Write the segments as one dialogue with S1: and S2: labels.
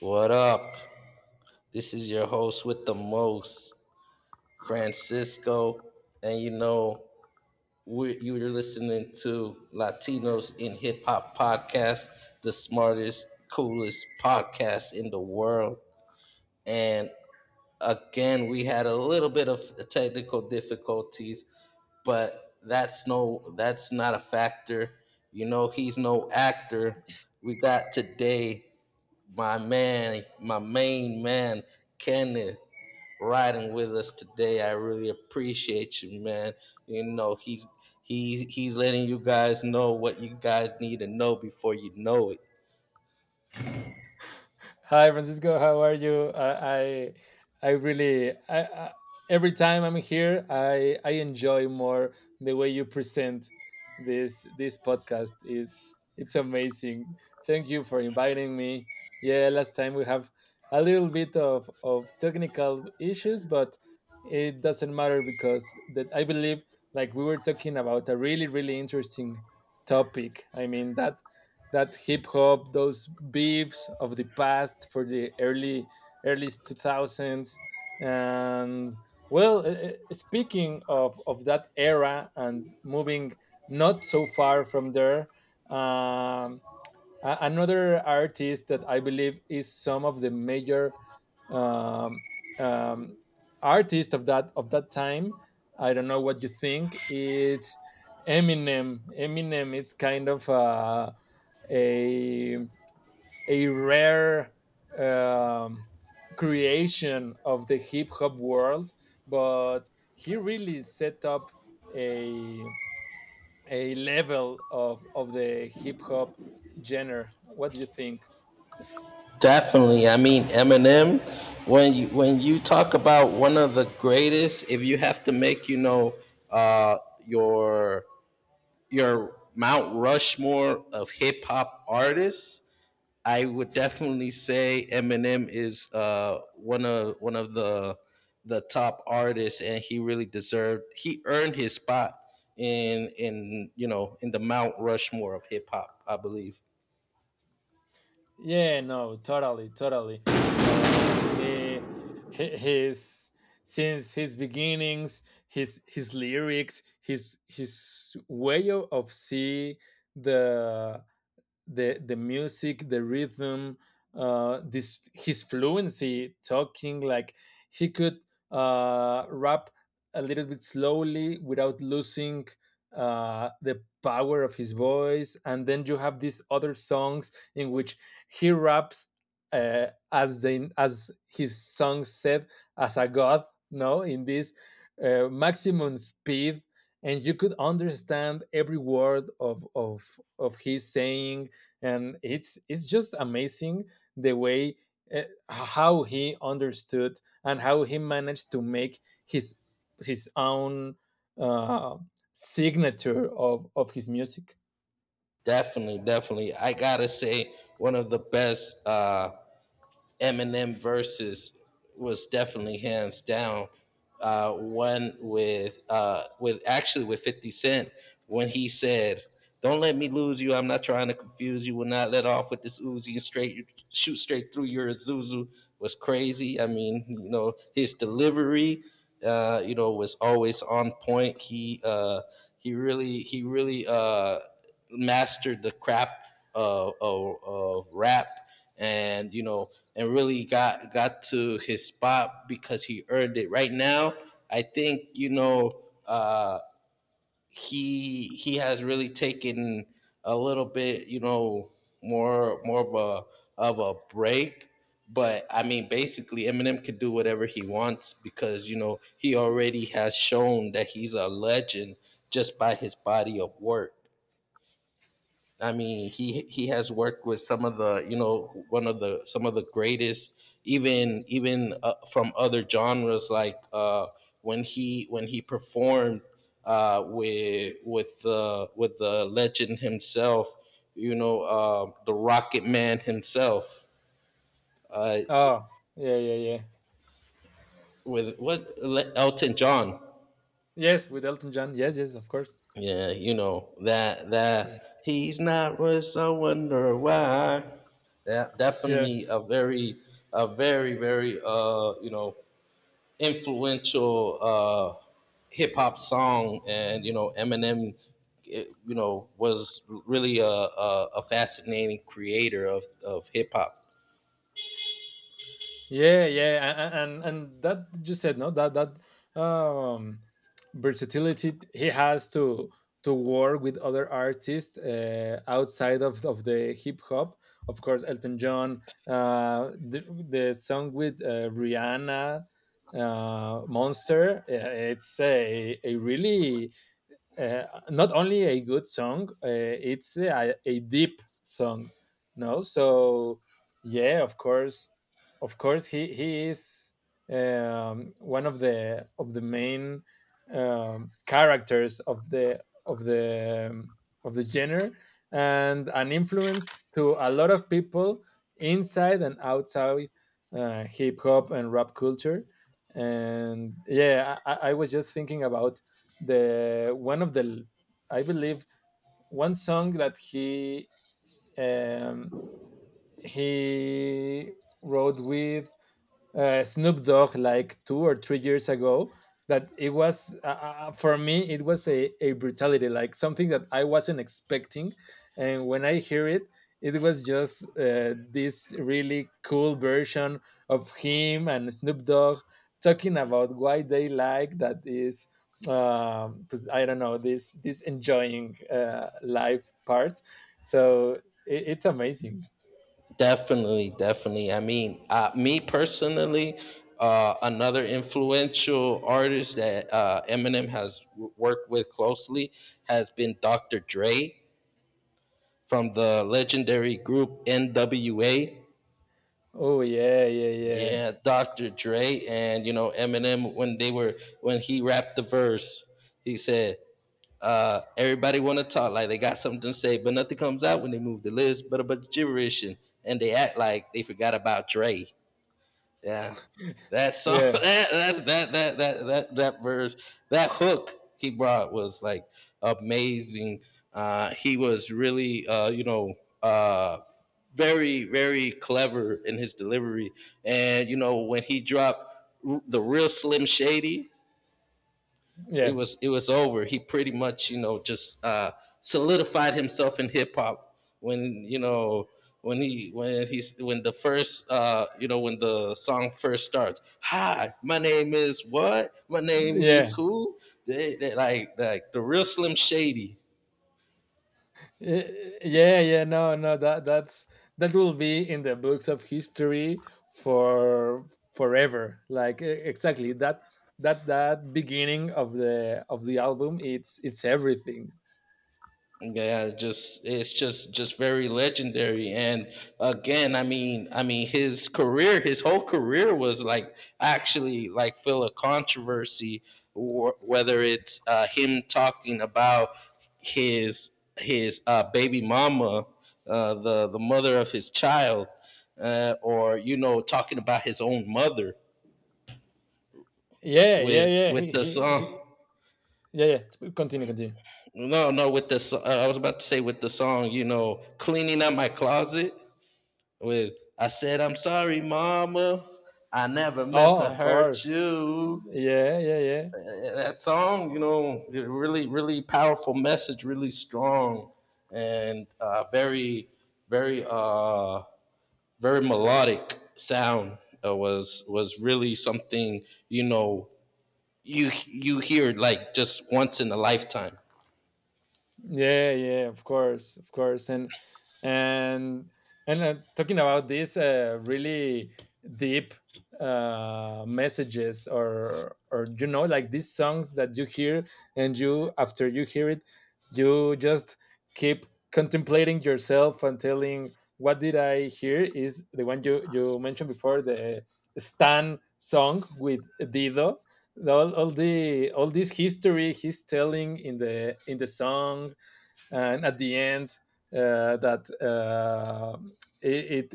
S1: What up? This is your host with the most, Francisco. And you know, we you're listening to Latinos in Hip Hop Podcast, the smartest, coolest podcast in the world. And again, we had a little bit of technical difficulties, but that's not a factor. You know, he's no actor. We got today my main man, Kenneth, riding with us today. I really appreciate you, man. You know, he's letting you guys know what you guys need to know before you know it.
S2: Hi, Francisco. How are you? I every time I'm here, I enjoy more the way you present this podcast. It's amazing. Thank you for inviting me. Yeah, last time we have a little bit of technical issues, but it doesn't matter because that I believe like we were talking about a really interesting topic. I mean that hip hop, those beefs of the past for the early 2000s. And well, speaking of that era and moving not so far from there, um, another artist that I believe is some of the major um, um, artists of that time. I don't know what you think. It's Eminem. Eminem is kind of a a rare um, creation of the hip hop world, but he really set up a a level of the hip hop genre. What do you think?
S1: Definitely. I mean, Eminem, when you talk about one of the greatest, if you have to make, uh, your your Mount Rushmore of hip hop artists, I would definitely say Eminem is one of the top artists, and he really deserved. He earned his spot in you know in the Mount Rushmore of hip hop, I believe.
S2: Yeah, no, totally. Uh, he, his since his beginnings, his lyrics, his way of see the the music, the rhythm, this his fluency talking like he could rap a little bit slowly without losing the power of his voice. And then you have these other songs in which he raps as they as his song said, as a god. No, in this maximum speed and you could understand every word of his saying, and it's just amazing the way uh, how he understood and how he managed to make his his own uh, signature of his music.
S1: Definitely I gotta say one of the best Eminem versus was definitely hands down. One with actually with 50 Cent when he said, "Don't let me lose you. I'm not trying to confuse you. Will not let off with this Uzi and straight shoot straight through your Zuzu." Was crazy. I mean, you know, his delivery, was always on point. He really mastered the crap of rap, and really got to his spot because he earned it. Right now, I think, you know, uh he has really taken a little bit, you know, more of a break. But I mean, basically Eminem can do whatever he wants, because you know he already has shown that he's a legend just by his body of work. I mean, he has worked with some of the you know one of the some of the greatest, even even from other genres, like when he performed with with the legend himself, you know, the Rocket Man himself, uh,
S2: Oh, yeah, yeah, yeah.
S1: Elton John.
S2: Yes, with Elton John, yes, yes, of course.
S1: Yeah, you know that he's not rich. I wonder why. That
S2: Yeah.
S1: definitely a very very influential hip hop song, and you know Eminem, was really a fascinating creator of hip hop.
S2: And that you said no that um, versatility he has to work with other artists outside of the hip hop. Of course, Elton John, uh, the, the song with Rihanna, Monster. It's a really uh, not only a good song, it's a deep song. No, so yeah, of course, he is one of the main characters of the of the genre and an influence to a lot of people inside and outside hip hop and rap culture. And yeah, I was just thinking about the one of the I believe one song that he um, he wrote with Snoop Dogg like 2 or 3 years ago that it was for me it was a brutality, like something that I wasn't expecting, and when I hear it, it was just this really cool version of him and Snoop Dogg talking about why they like that is 'cause I don't know, this enjoying life part. So it's amazing.
S1: Definitely. I mean, me personally, another influential artist that Eminem has worked with closely has been Dr. Dre from the legendary group NWA.
S2: Oh, yeah, yeah, yeah.
S1: Yeah, Dr. Dre and you know Eminem when they were when he rapped the verse, he said, "Everybody want to talk like they got something to say, but nothing comes out when they move the lips, but a bunch of gibberish and they act like they forgot about Dre." Yeah. That song,
S2: yeah,
S1: that verse, that hook he brought was like amazing. He was really, uh, very very clever in his delivery, and you know when he dropped the real Slim Shady,
S2: yeah.
S1: it was over. He pretty much, you know, just solidified himself in hip hop when you know when he when he's when the first you know when the song first starts. Hi, my name is what? My name is
S2: Yeah,
S1: who? Like the real Slim Shady.
S2: yeah. No, no. That's that will be in the books of history for forever. Like exactly that beginning of the album. It's everything.
S1: Yeah, just it's just very legendary. And again, his career, his whole career was like actually like full of controversy. Whether it's him talking about his baby mama, the mother of his child, or, you know, talking about his own mother
S2: Yeah, yeah, yeah.
S1: with
S2: He,
S1: the
S2: he,
S1: song.
S2: he yeah, yeah. Continue, continue.
S1: No, no, with the I was about to say with the song, you know, cleaning up my closet. With, I said I'm sorry, mama. I never meant
S2: Oh,
S1: to
S2: of
S1: hurt
S2: course.
S1: you.
S2: Yeah, yeah, yeah.
S1: That song, you know, really, really powerful message, really strong, and very, uh, very melodic sound. Was really something, you know, you hear like just once in a lifetime.
S2: Yeah, yeah, of course, and and talking about these really deep messages, or you know, like these songs that you hear, and you after you hear it, you just keep contemplating yourself and telling, "What did I hear?" Is the one you mentioned before, the Stan song with Dido. All this history he's telling in the song, and at the end that it it,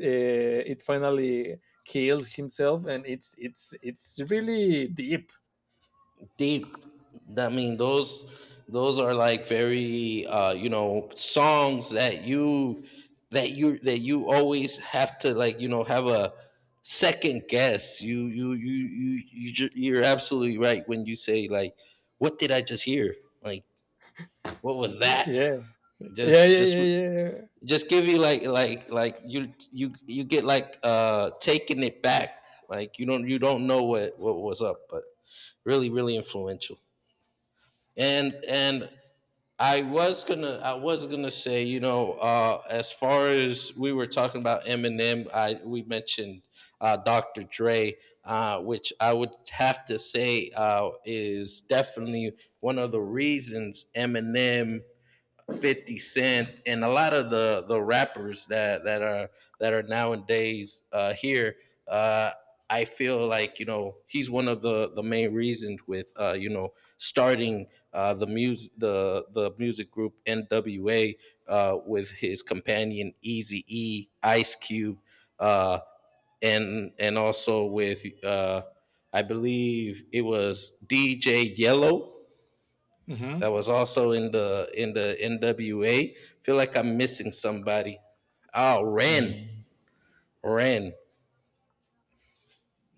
S2: uh, it finally kills himself and it's really deep.
S1: Deep. I mean, those are like very, songs that you that you that you always have to, like, you know, have a second guess. You're absolutely right when you say like, what did I just hear? Like, what was that?
S2: Yeah, yeah,
S1: just
S2: yeah,
S1: just
S2: yeah, yeah. Yeah.
S1: just give you like you you get like, taking it back, like you don't know what was up. But really really influential. And I was gonna say, you know, as far as we were talking about Eminem, I we mentioned Dr. Dre, which I would have to say is definitely one of the reasons Eminem, 50 Cent, and a lot of the rappers that are nowadays here. Uh, I feel like, you know, he's one of the main reasons, with starting the music group NWA, with his companion Easy E, Ice Cube, uh, and also with I believe it was DJ Yellow,
S2: Mm-hmm.
S1: that was also in the NWA. Feel like I'm missing somebody. Oh, Ren,
S2: Mm.
S1: Ren,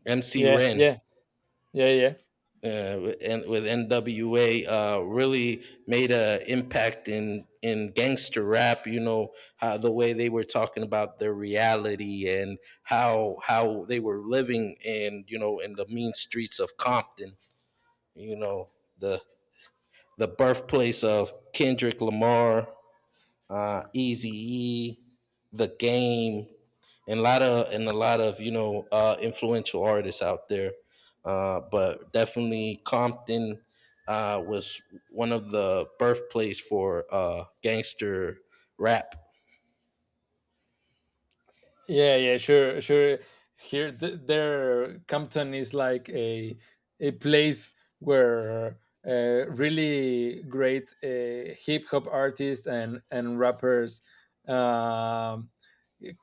S1: MC
S2: Yeah,
S1: Ren,
S2: yeah, yeah, yeah,
S1: and with NWA, really made an impact in gangster rap. You know, how the way they were talking about their reality and how they were living in, you know, in the mean streets of Compton. You know, the the birthplace of Kendrick Lamar, Easy E, The Game, and a lot of and a lot of, you know, influential artists out there. But definitely Compton was one of the birthplace for gangster rap.
S2: yeah, yeah, sure, sure. Here there Compton is like a place where really great hip hop artists and rappers um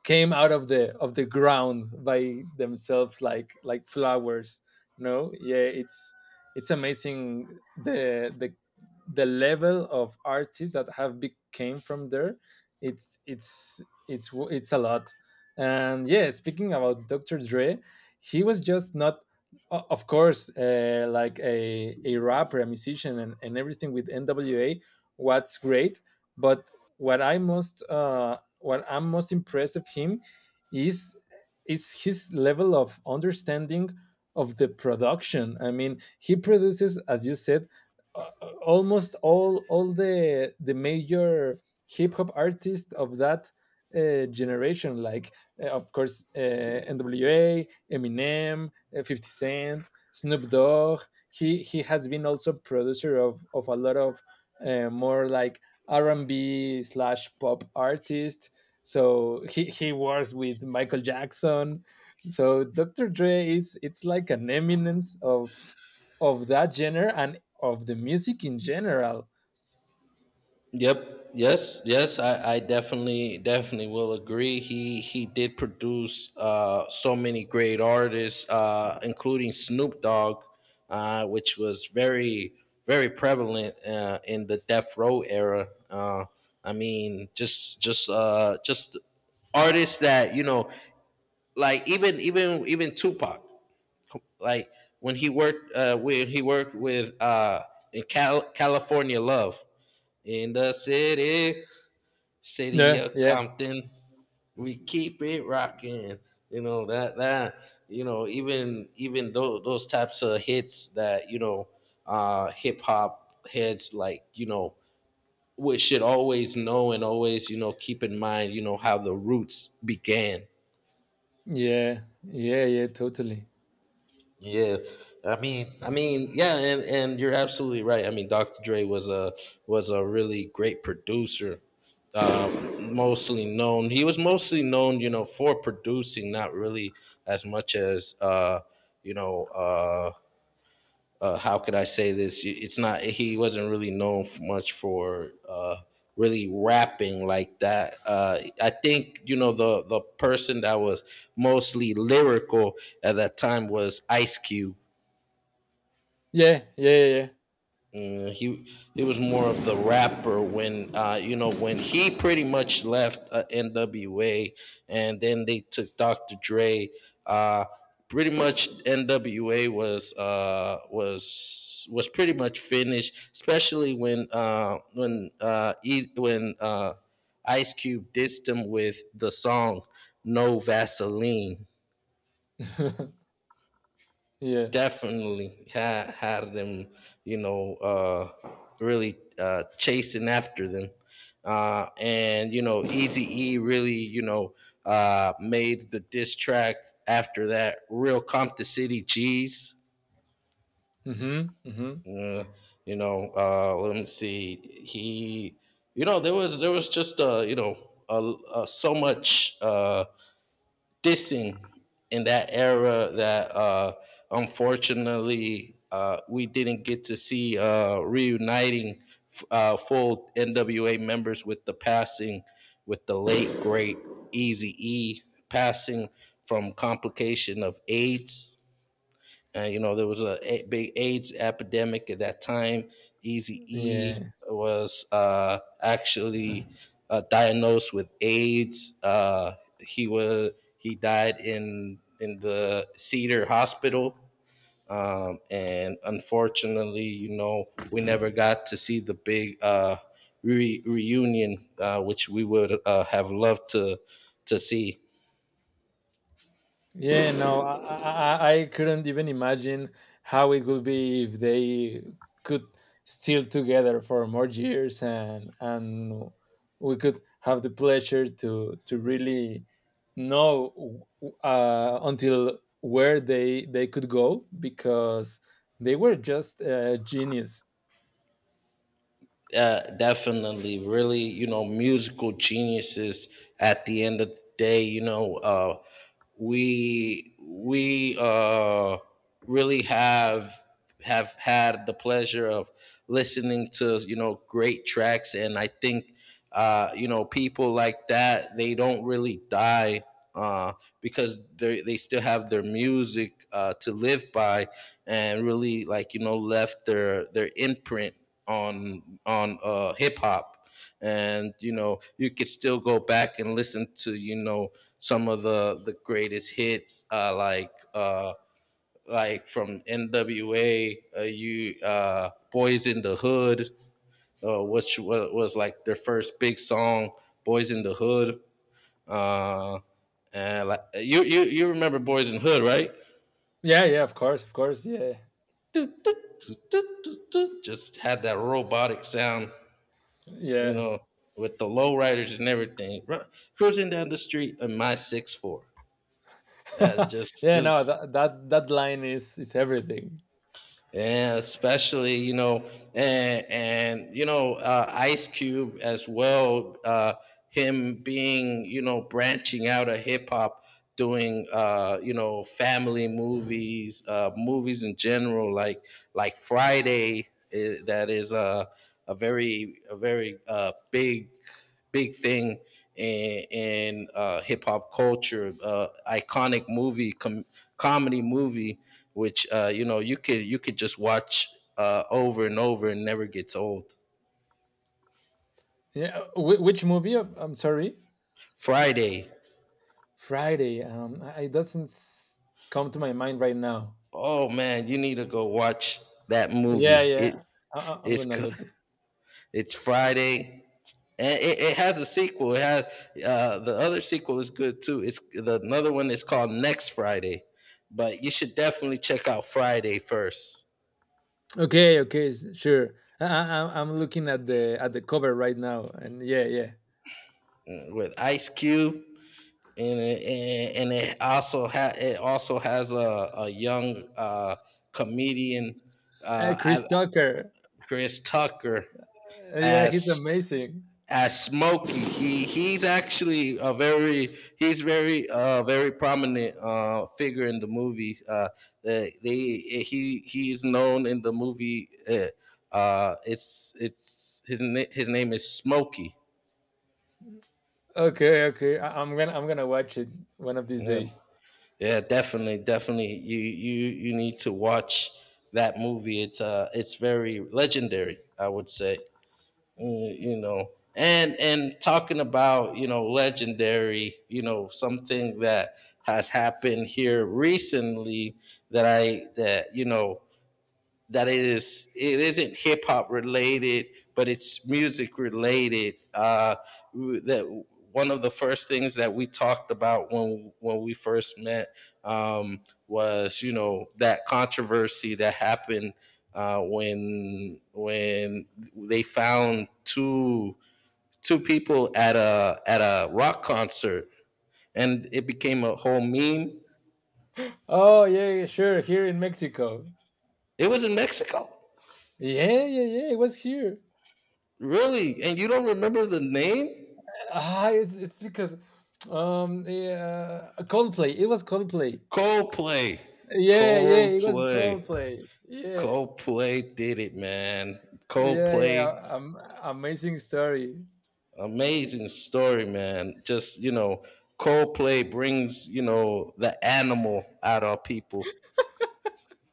S2: came out of the ground by themselves like flowers, you know. Yeah, it's it's amazing. The level of artists that have came from there. it's it's it's a lot. And yeah, speaking about Dr. Dre, he was just not of course like a rapper, a musician, and everything with NWA. What's great, but what I most what I'm most impressed of him is is his level of understanding of the production. I mean, he produces, as you said, uh, almost all the major hip hop artists of that generation, like of course N.W.A., Eminem, 50 Cent, Snoop Dogg. He has been also producer of a lot of more like R and B slash pop artists. So he works with Michael Jackson. So Dr. Dre is it's like an eminence of that genre and of the music in general.
S1: Yep. Yes. Yes. I definitely definitely will agree. He did produce so many great artists, including Snoop Dogg, which was very very prevalent in the Death Row era. I mean, just artists that, you know, like even Tupac, like when he worked with in California Love in the City
S2: Yeah,
S1: of
S2: yeah,
S1: Compton. We keep it rocking. You know that even even those types of hits that you know hip hop heads, like, you know, we should always know and always, you know, keep in mind, you know, how the roots began.
S2: yeah, yeah, yeah, totally.
S1: Yeah, I mean, and you're absolutely right. I mean, Dr. Dre was a was a really great producer, uh, mostly known. He was mostly known, you know, for producing, not really as much as, you know, uh, how could I say this? It's not. He wasn't really known much for really rapping like that. I think, you know, the person that was mostly lyrical at that time was Ice Cube.
S2: Yeah, yeah, yeah,
S1: Mm, he was more of the rapper when, when he pretty much left NWA, and then they took Dr. Dre. uh pretty much NWA was was pretty much finished, especially when Ice Cube dissed him with the song No Vaseline.
S2: yeah. yeah.
S1: Definitely had had them, you know, really chasing after them. And you know, Easy E really, you know, made the diss track after that. Real Compton City G's.
S2: Mm-hmm, mm-hmm.
S1: Uh, you know, let me see. He, you know, there was just so much dissing in that era that unfortunately we didn't get to see reuniting full NWA members, with the passing, with the late great Easy E, passing from complication of AIDS. And you know, there was a big AIDS epidemic at that time. Easy E
S2: Yeah.
S1: was actually diagnosed with AIDS. He was he died in the Cedar Hospital, and unfortunately, you know, we never got to see the big reunion, which we would have loved to see.
S2: Yeah, no, I couldn't even imagine how it would be if they could still together for more years, and we could have the pleasure to really know until where they could go, because they were just genius.
S1: Definitely, really, you know, musical geniuses. At the end of the day, you know, we really have had the pleasure of listening to, you know, great tracks. And I think, you know, people like that, they don't really die, uh, because they still have their music to live by, and really, like, you know, left their imprint on hip hop. And you know, you could still go back and listen to, you know, some of the greatest hits, like. Like from NWA, you Boys in the Hood, which was like their first big song, "Boys in the Hood." Uh, and like you remember "Boys in the Hood," right?
S2: Yeah, yeah, of course, yeah,
S1: Just had that robotic sound, you
S2: yeah.
S1: know, with the lowriders and everything, cruising down the street in my six four.
S2: yeah. No,
S1: Just
S2: that that line is everything.
S1: Yeah, especially, and Ice Cube as well. Him being branching out of hip hop, doing family movies, movies in general, like Friday. That is a very big thing in hip hop culture, iconic movie, comedy movie, which you could just watch over and over and never gets old.
S2: Yeah, which movie? I'm sorry.
S1: Friday.
S2: Friday. I, it doesn't come to my mind right now.
S1: Oh man, you need to go watch that
S2: Yeah,
S1: movie.
S2: yeah. I'm
S1: It's
S2: gonna
S1: co-
S2: look at.
S1: it's Friday. And it has a sequel. It has the other sequel is good too. It's the another one is called Next Friday, but you should definitely check out Friday first.
S2: Okay, okay, sure. I'm looking at the cover right now, and yeah, yeah.
S1: With Ice Cube. And it also it also has a young comedian, uh,
S2: Chris
S1: I,
S2: Tucker.
S1: Chris Tucker
S2: Yeah,
S1: as
S2: he's amazing.
S1: Smokey. He's actually a very he's very very prominent figure in the movie. They they- he is known in the movie. His name is Smokey.
S2: Okay, okay. I, I'm gonna watch it one of these
S1: Yeah,
S2: days.
S1: yeah, definitely, definitely. You need to watch that movie. It's very legendary, I would say. And talking about legendary, something that has happened here recently that I that it isn't hip hop related, but it's music related. That One of the first things that we talked about when we first met um, was that controversy that happened when they found two people at a rock concert and it became a whole meme.
S2: Oh, yeah, yeah, sure. Here in Mexico.
S1: It was in Mexico.
S2: Yeah, yeah, yeah. It was here.
S1: Really, and you don't remember the name?
S2: Ah, it's because yeah, Coldplay. It was Coldplay.
S1: Coldplay,
S2: Yeah, yeah, it was
S1: Coldplay,
S2: Coldplay. Yeah,
S1: Coldplay did it, man.
S2: yeah, yeah.
S1: Coldplay.
S2: Amazing story.
S1: Amazing story, man. Just, Coldplay brings the animal out of people.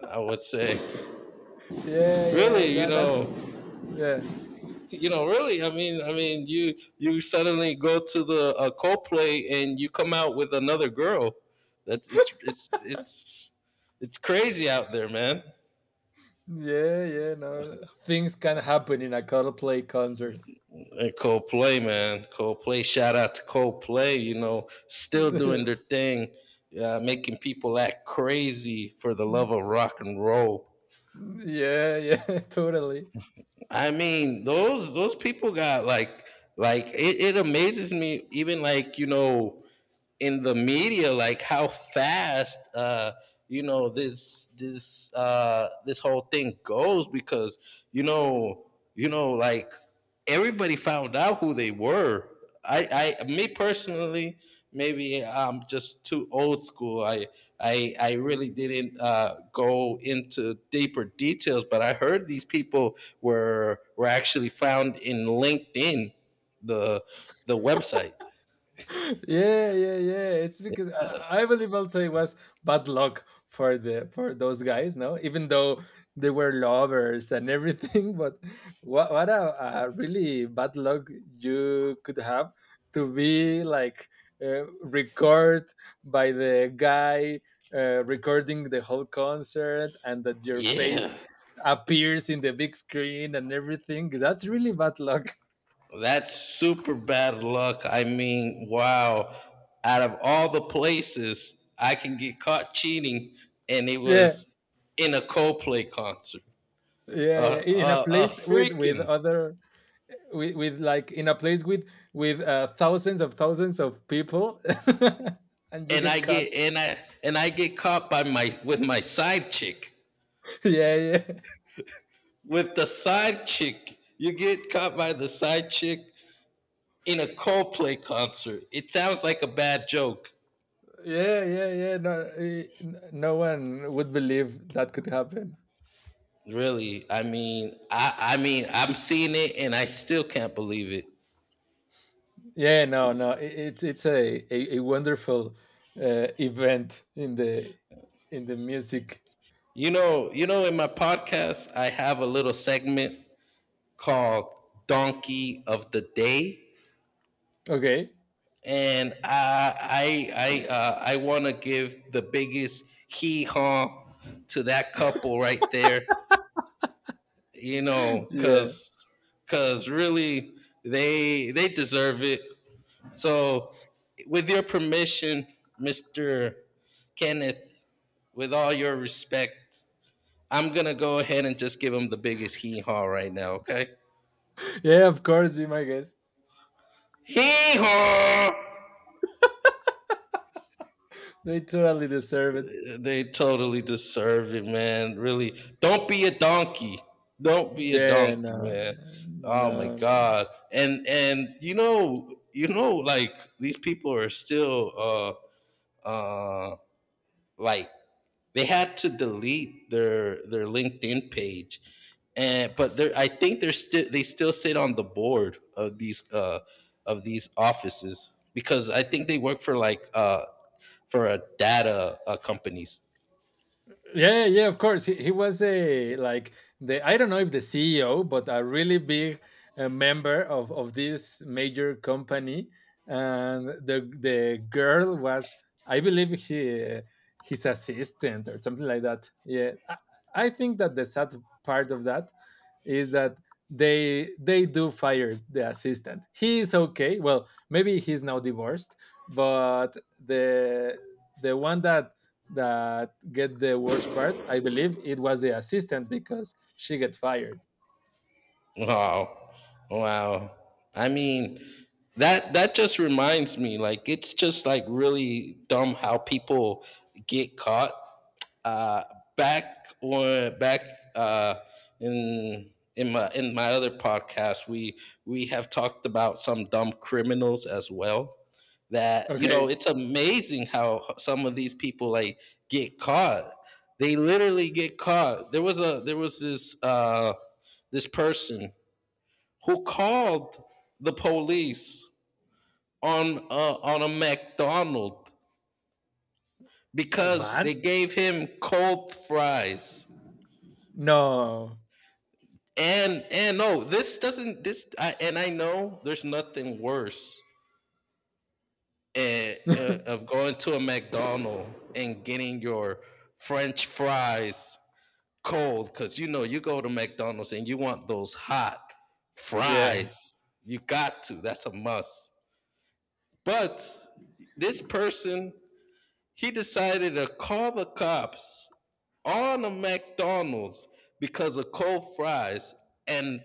S1: I would say.
S2: Yeah, yeah.
S1: Really.
S2: That yeah,
S1: Really. I mean, you suddenly go to the Coldplay and you come out with another girl. That's it's crazy out there, man.
S2: yeah, yeah. No, things can happen in a Coldplay concert.
S1: And Coldplay, man, Coldplay. Shout out to Coldplay. Still doing their thing, making people act crazy for the love of rock and roll.
S2: yeah, yeah, totally.
S1: I mean, those people got like it amazes me. Even like in the media, like how fast this whole thing goes, because you know like everybody found out who they were. I me personally, maybe I'm just too old school. I really didn't go into deeper details, but I heard these people were actually found in linkedin, the the website.
S2: Yeah, yeah, yeah. It's because I believe also it was bad luck for the for those guys, no? Even though they were lovers and everything, but what a really bad luck you could have to be like record by the guy recording the whole concert and that your face
S1: Yeah.
S2: appears in the big screen and everything. That's really bad luck.
S1: That's super bad luck. I mean, wow. Out of all the places I can get caught cheating, and it
S2: Yeah,
S1: was in a Coldplay concert.
S2: yeah, yeah. In a
S1: A
S2: place with
S1: freaking
S2: other with like in a place with thousands of people and you
S1: and I
S2: get cut.
S1: get and I And I get caught by my with my side chick.
S2: yeah, yeah,
S1: With the side chick, you get caught by the side chick in a Coldplay concert. It sounds like a bad joke.
S2: yeah, yeah, yeah. No, no one would believe that could happen.
S1: Really. I mean, I'm seeing it and I still can't believe it.
S2: Yeah, no, no, it's it's a wonderful event in the music.
S1: In my podcast, I have a little segment called "Donkey of the Day,"
S2: Okay.
S1: and I want to give the biggest hee haw to that couple right there. You know,
S2: yeah,
S1: cause, Cause really, they deserve it. So, with your permission, Mister Kenneth, with all your respect, I'm gonna go ahead and just give him the biggest hee haw right now. Okay.
S2: yeah, of course, be my guest.
S1: Hee haw!
S2: They totally deserve it.
S1: They totally deserve it, man. Really, don't be a donkey. Don't be a
S2: Yeah,
S1: donkey,
S2: no,
S1: man. Oh my
S2: no, no, no.
S1: god! And like these people are still uh uh like... They had to delete their LinkedIn page, and but they're, I think they're still they still sit on the board of these offices, because I think they work for a data companies.
S2: Yeah, yeah, of course. He was a like the I don't know if the CEO, but a really big member of this major company. And the girl was, I believe, he his assistant or something like that. Yeah, I think that the sad part of that is that they do fire the assistant. He is okay. Well, maybe he's now divorced, but the one that that get the worst part, I believe it was the assistant because she get fired.
S1: Wow. Wow. I mean, that just reminds me. Like it's just, like, really dumb how people get caught, uh, back or back uh, in my other podcast. We we have talked about some dumb criminals as well. That you know,
S2: Okay.
S1: it's amazing how some of these people like get caught. They literally get caught. There was this person who called the police on a McDonald because
S2: What?
S1: they gave him cold fries.
S2: No.
S1: And no, this doesn't this I know there's nothing worse, of going to a McDonald's and getting your French fries cold, because you go to McDonald's and you want those hot
S2: yeah,
S1: fries. You got to. That's a must. But this person, he decided to call the cops on a McDonald's because of cold fries. And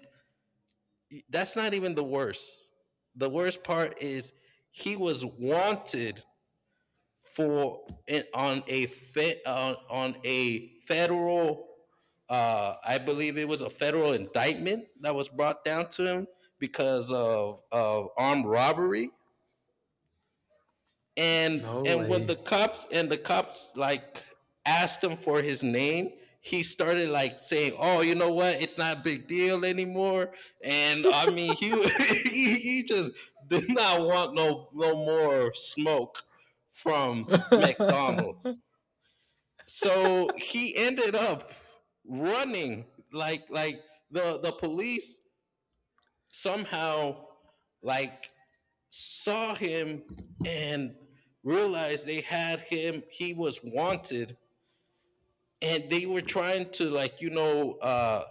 S1: that's not even the worst. The worst part is, he was wanted for on a fe, on a federal I believe it was a federal indictment that was brought down to him because of armed robbery. and
S2: no
S1: and when
S2: way.
S1: the cops, like, asked him for his name, he started like saying, "Oh, you know what, it's not a big deal anymore," and I mean, he he just did not want no more smoke from McDonald's. So he ended up running, like, the police somehow, like, saw him, and realized they had him, he was wanted. And they were trying to, like,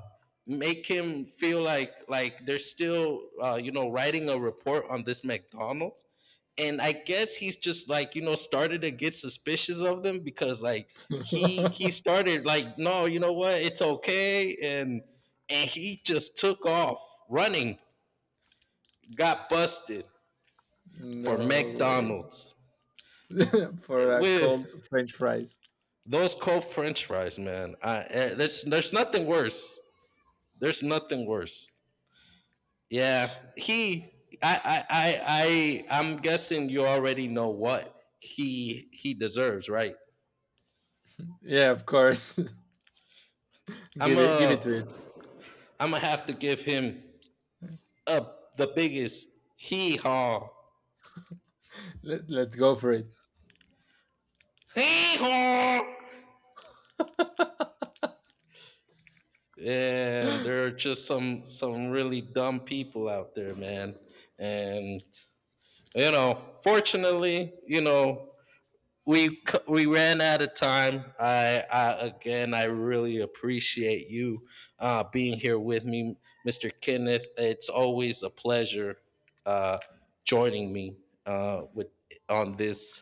S1: make him feel like they're still, writing a report on this McDonald's. And I guess he's just, like, started to get suspicious of them, because like he started like, "No, you know what, it's okay," and he just took off running, got busted for
S2: no way.
S1: McDonald's
S2: for a
S1: with
S2: cold french fries.
S1: those cold French fries, man. There's nothing worse. There's nothing worse. Yeah, he. I. am guessing you already know what he deserves, right?
S2: Yeah, of course.
S1: I'm
S2: give it, give it
S1: a.
S2: to it.
S1: I'm gonna have to give him up the biggest hee haw.
S2: Let, let's go for it.
S1: Hee haw. And there are just some really dumb people out there, man. And fortunately, we ran out of time. I again, I really appreciate you being here with me, Mr. Kenneth. It's always a pleasure uh, joining me, with on this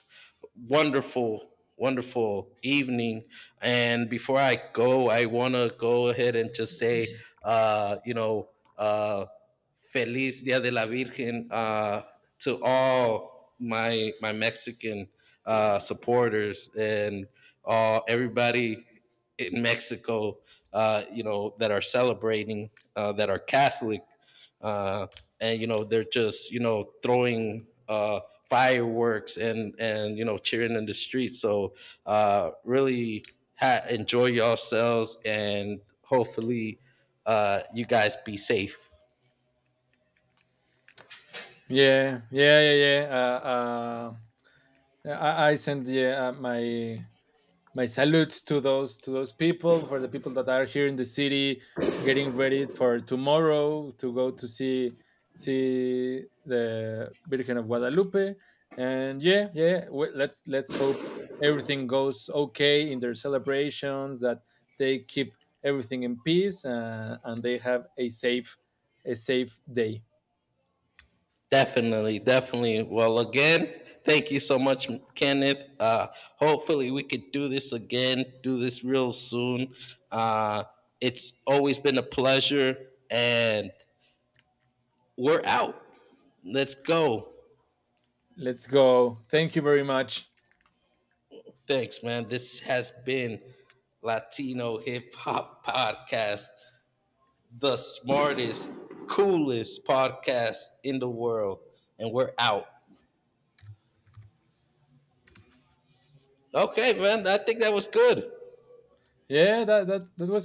S1: wonderful, wonderful evening. And before I go, I want to go ahead and just say, uh, you know, uh, Feliz Dia de la Virgen, to all my Mexican supporters and all everybody in Mexico, that are celebrating, that are Catholic, uh, and they're just throwing fireworks and cheering in the streets. So, really, enjoy yourselves, and hopefully, you guys be safe.
S2: Yeah, yeah, yeah, yeah, yeah, I sent yeah, my my salutes to those people, for the people that are here in the city getting ready for tomorrow to go to see the Virgin of Guadalupe. And yeah, yeah, let's hope everything goes okay in their celebrations, that they keep everything in peace, and they have a safe day.
S1: Definitely, definitely. Well, again, thank you so much, Kenneth. Hopefully we could do this again, do this real soon. Uh, it's always been a pleasure, and we're out. Let's go.
S2: Let's go, thank you very much.
S1: Thanks, man. This has been Latino Hip Hop Podcast, the smartest, coolest podcast in the world. And we're out. Okay, man. I think that was good.
S2: Yeah, that was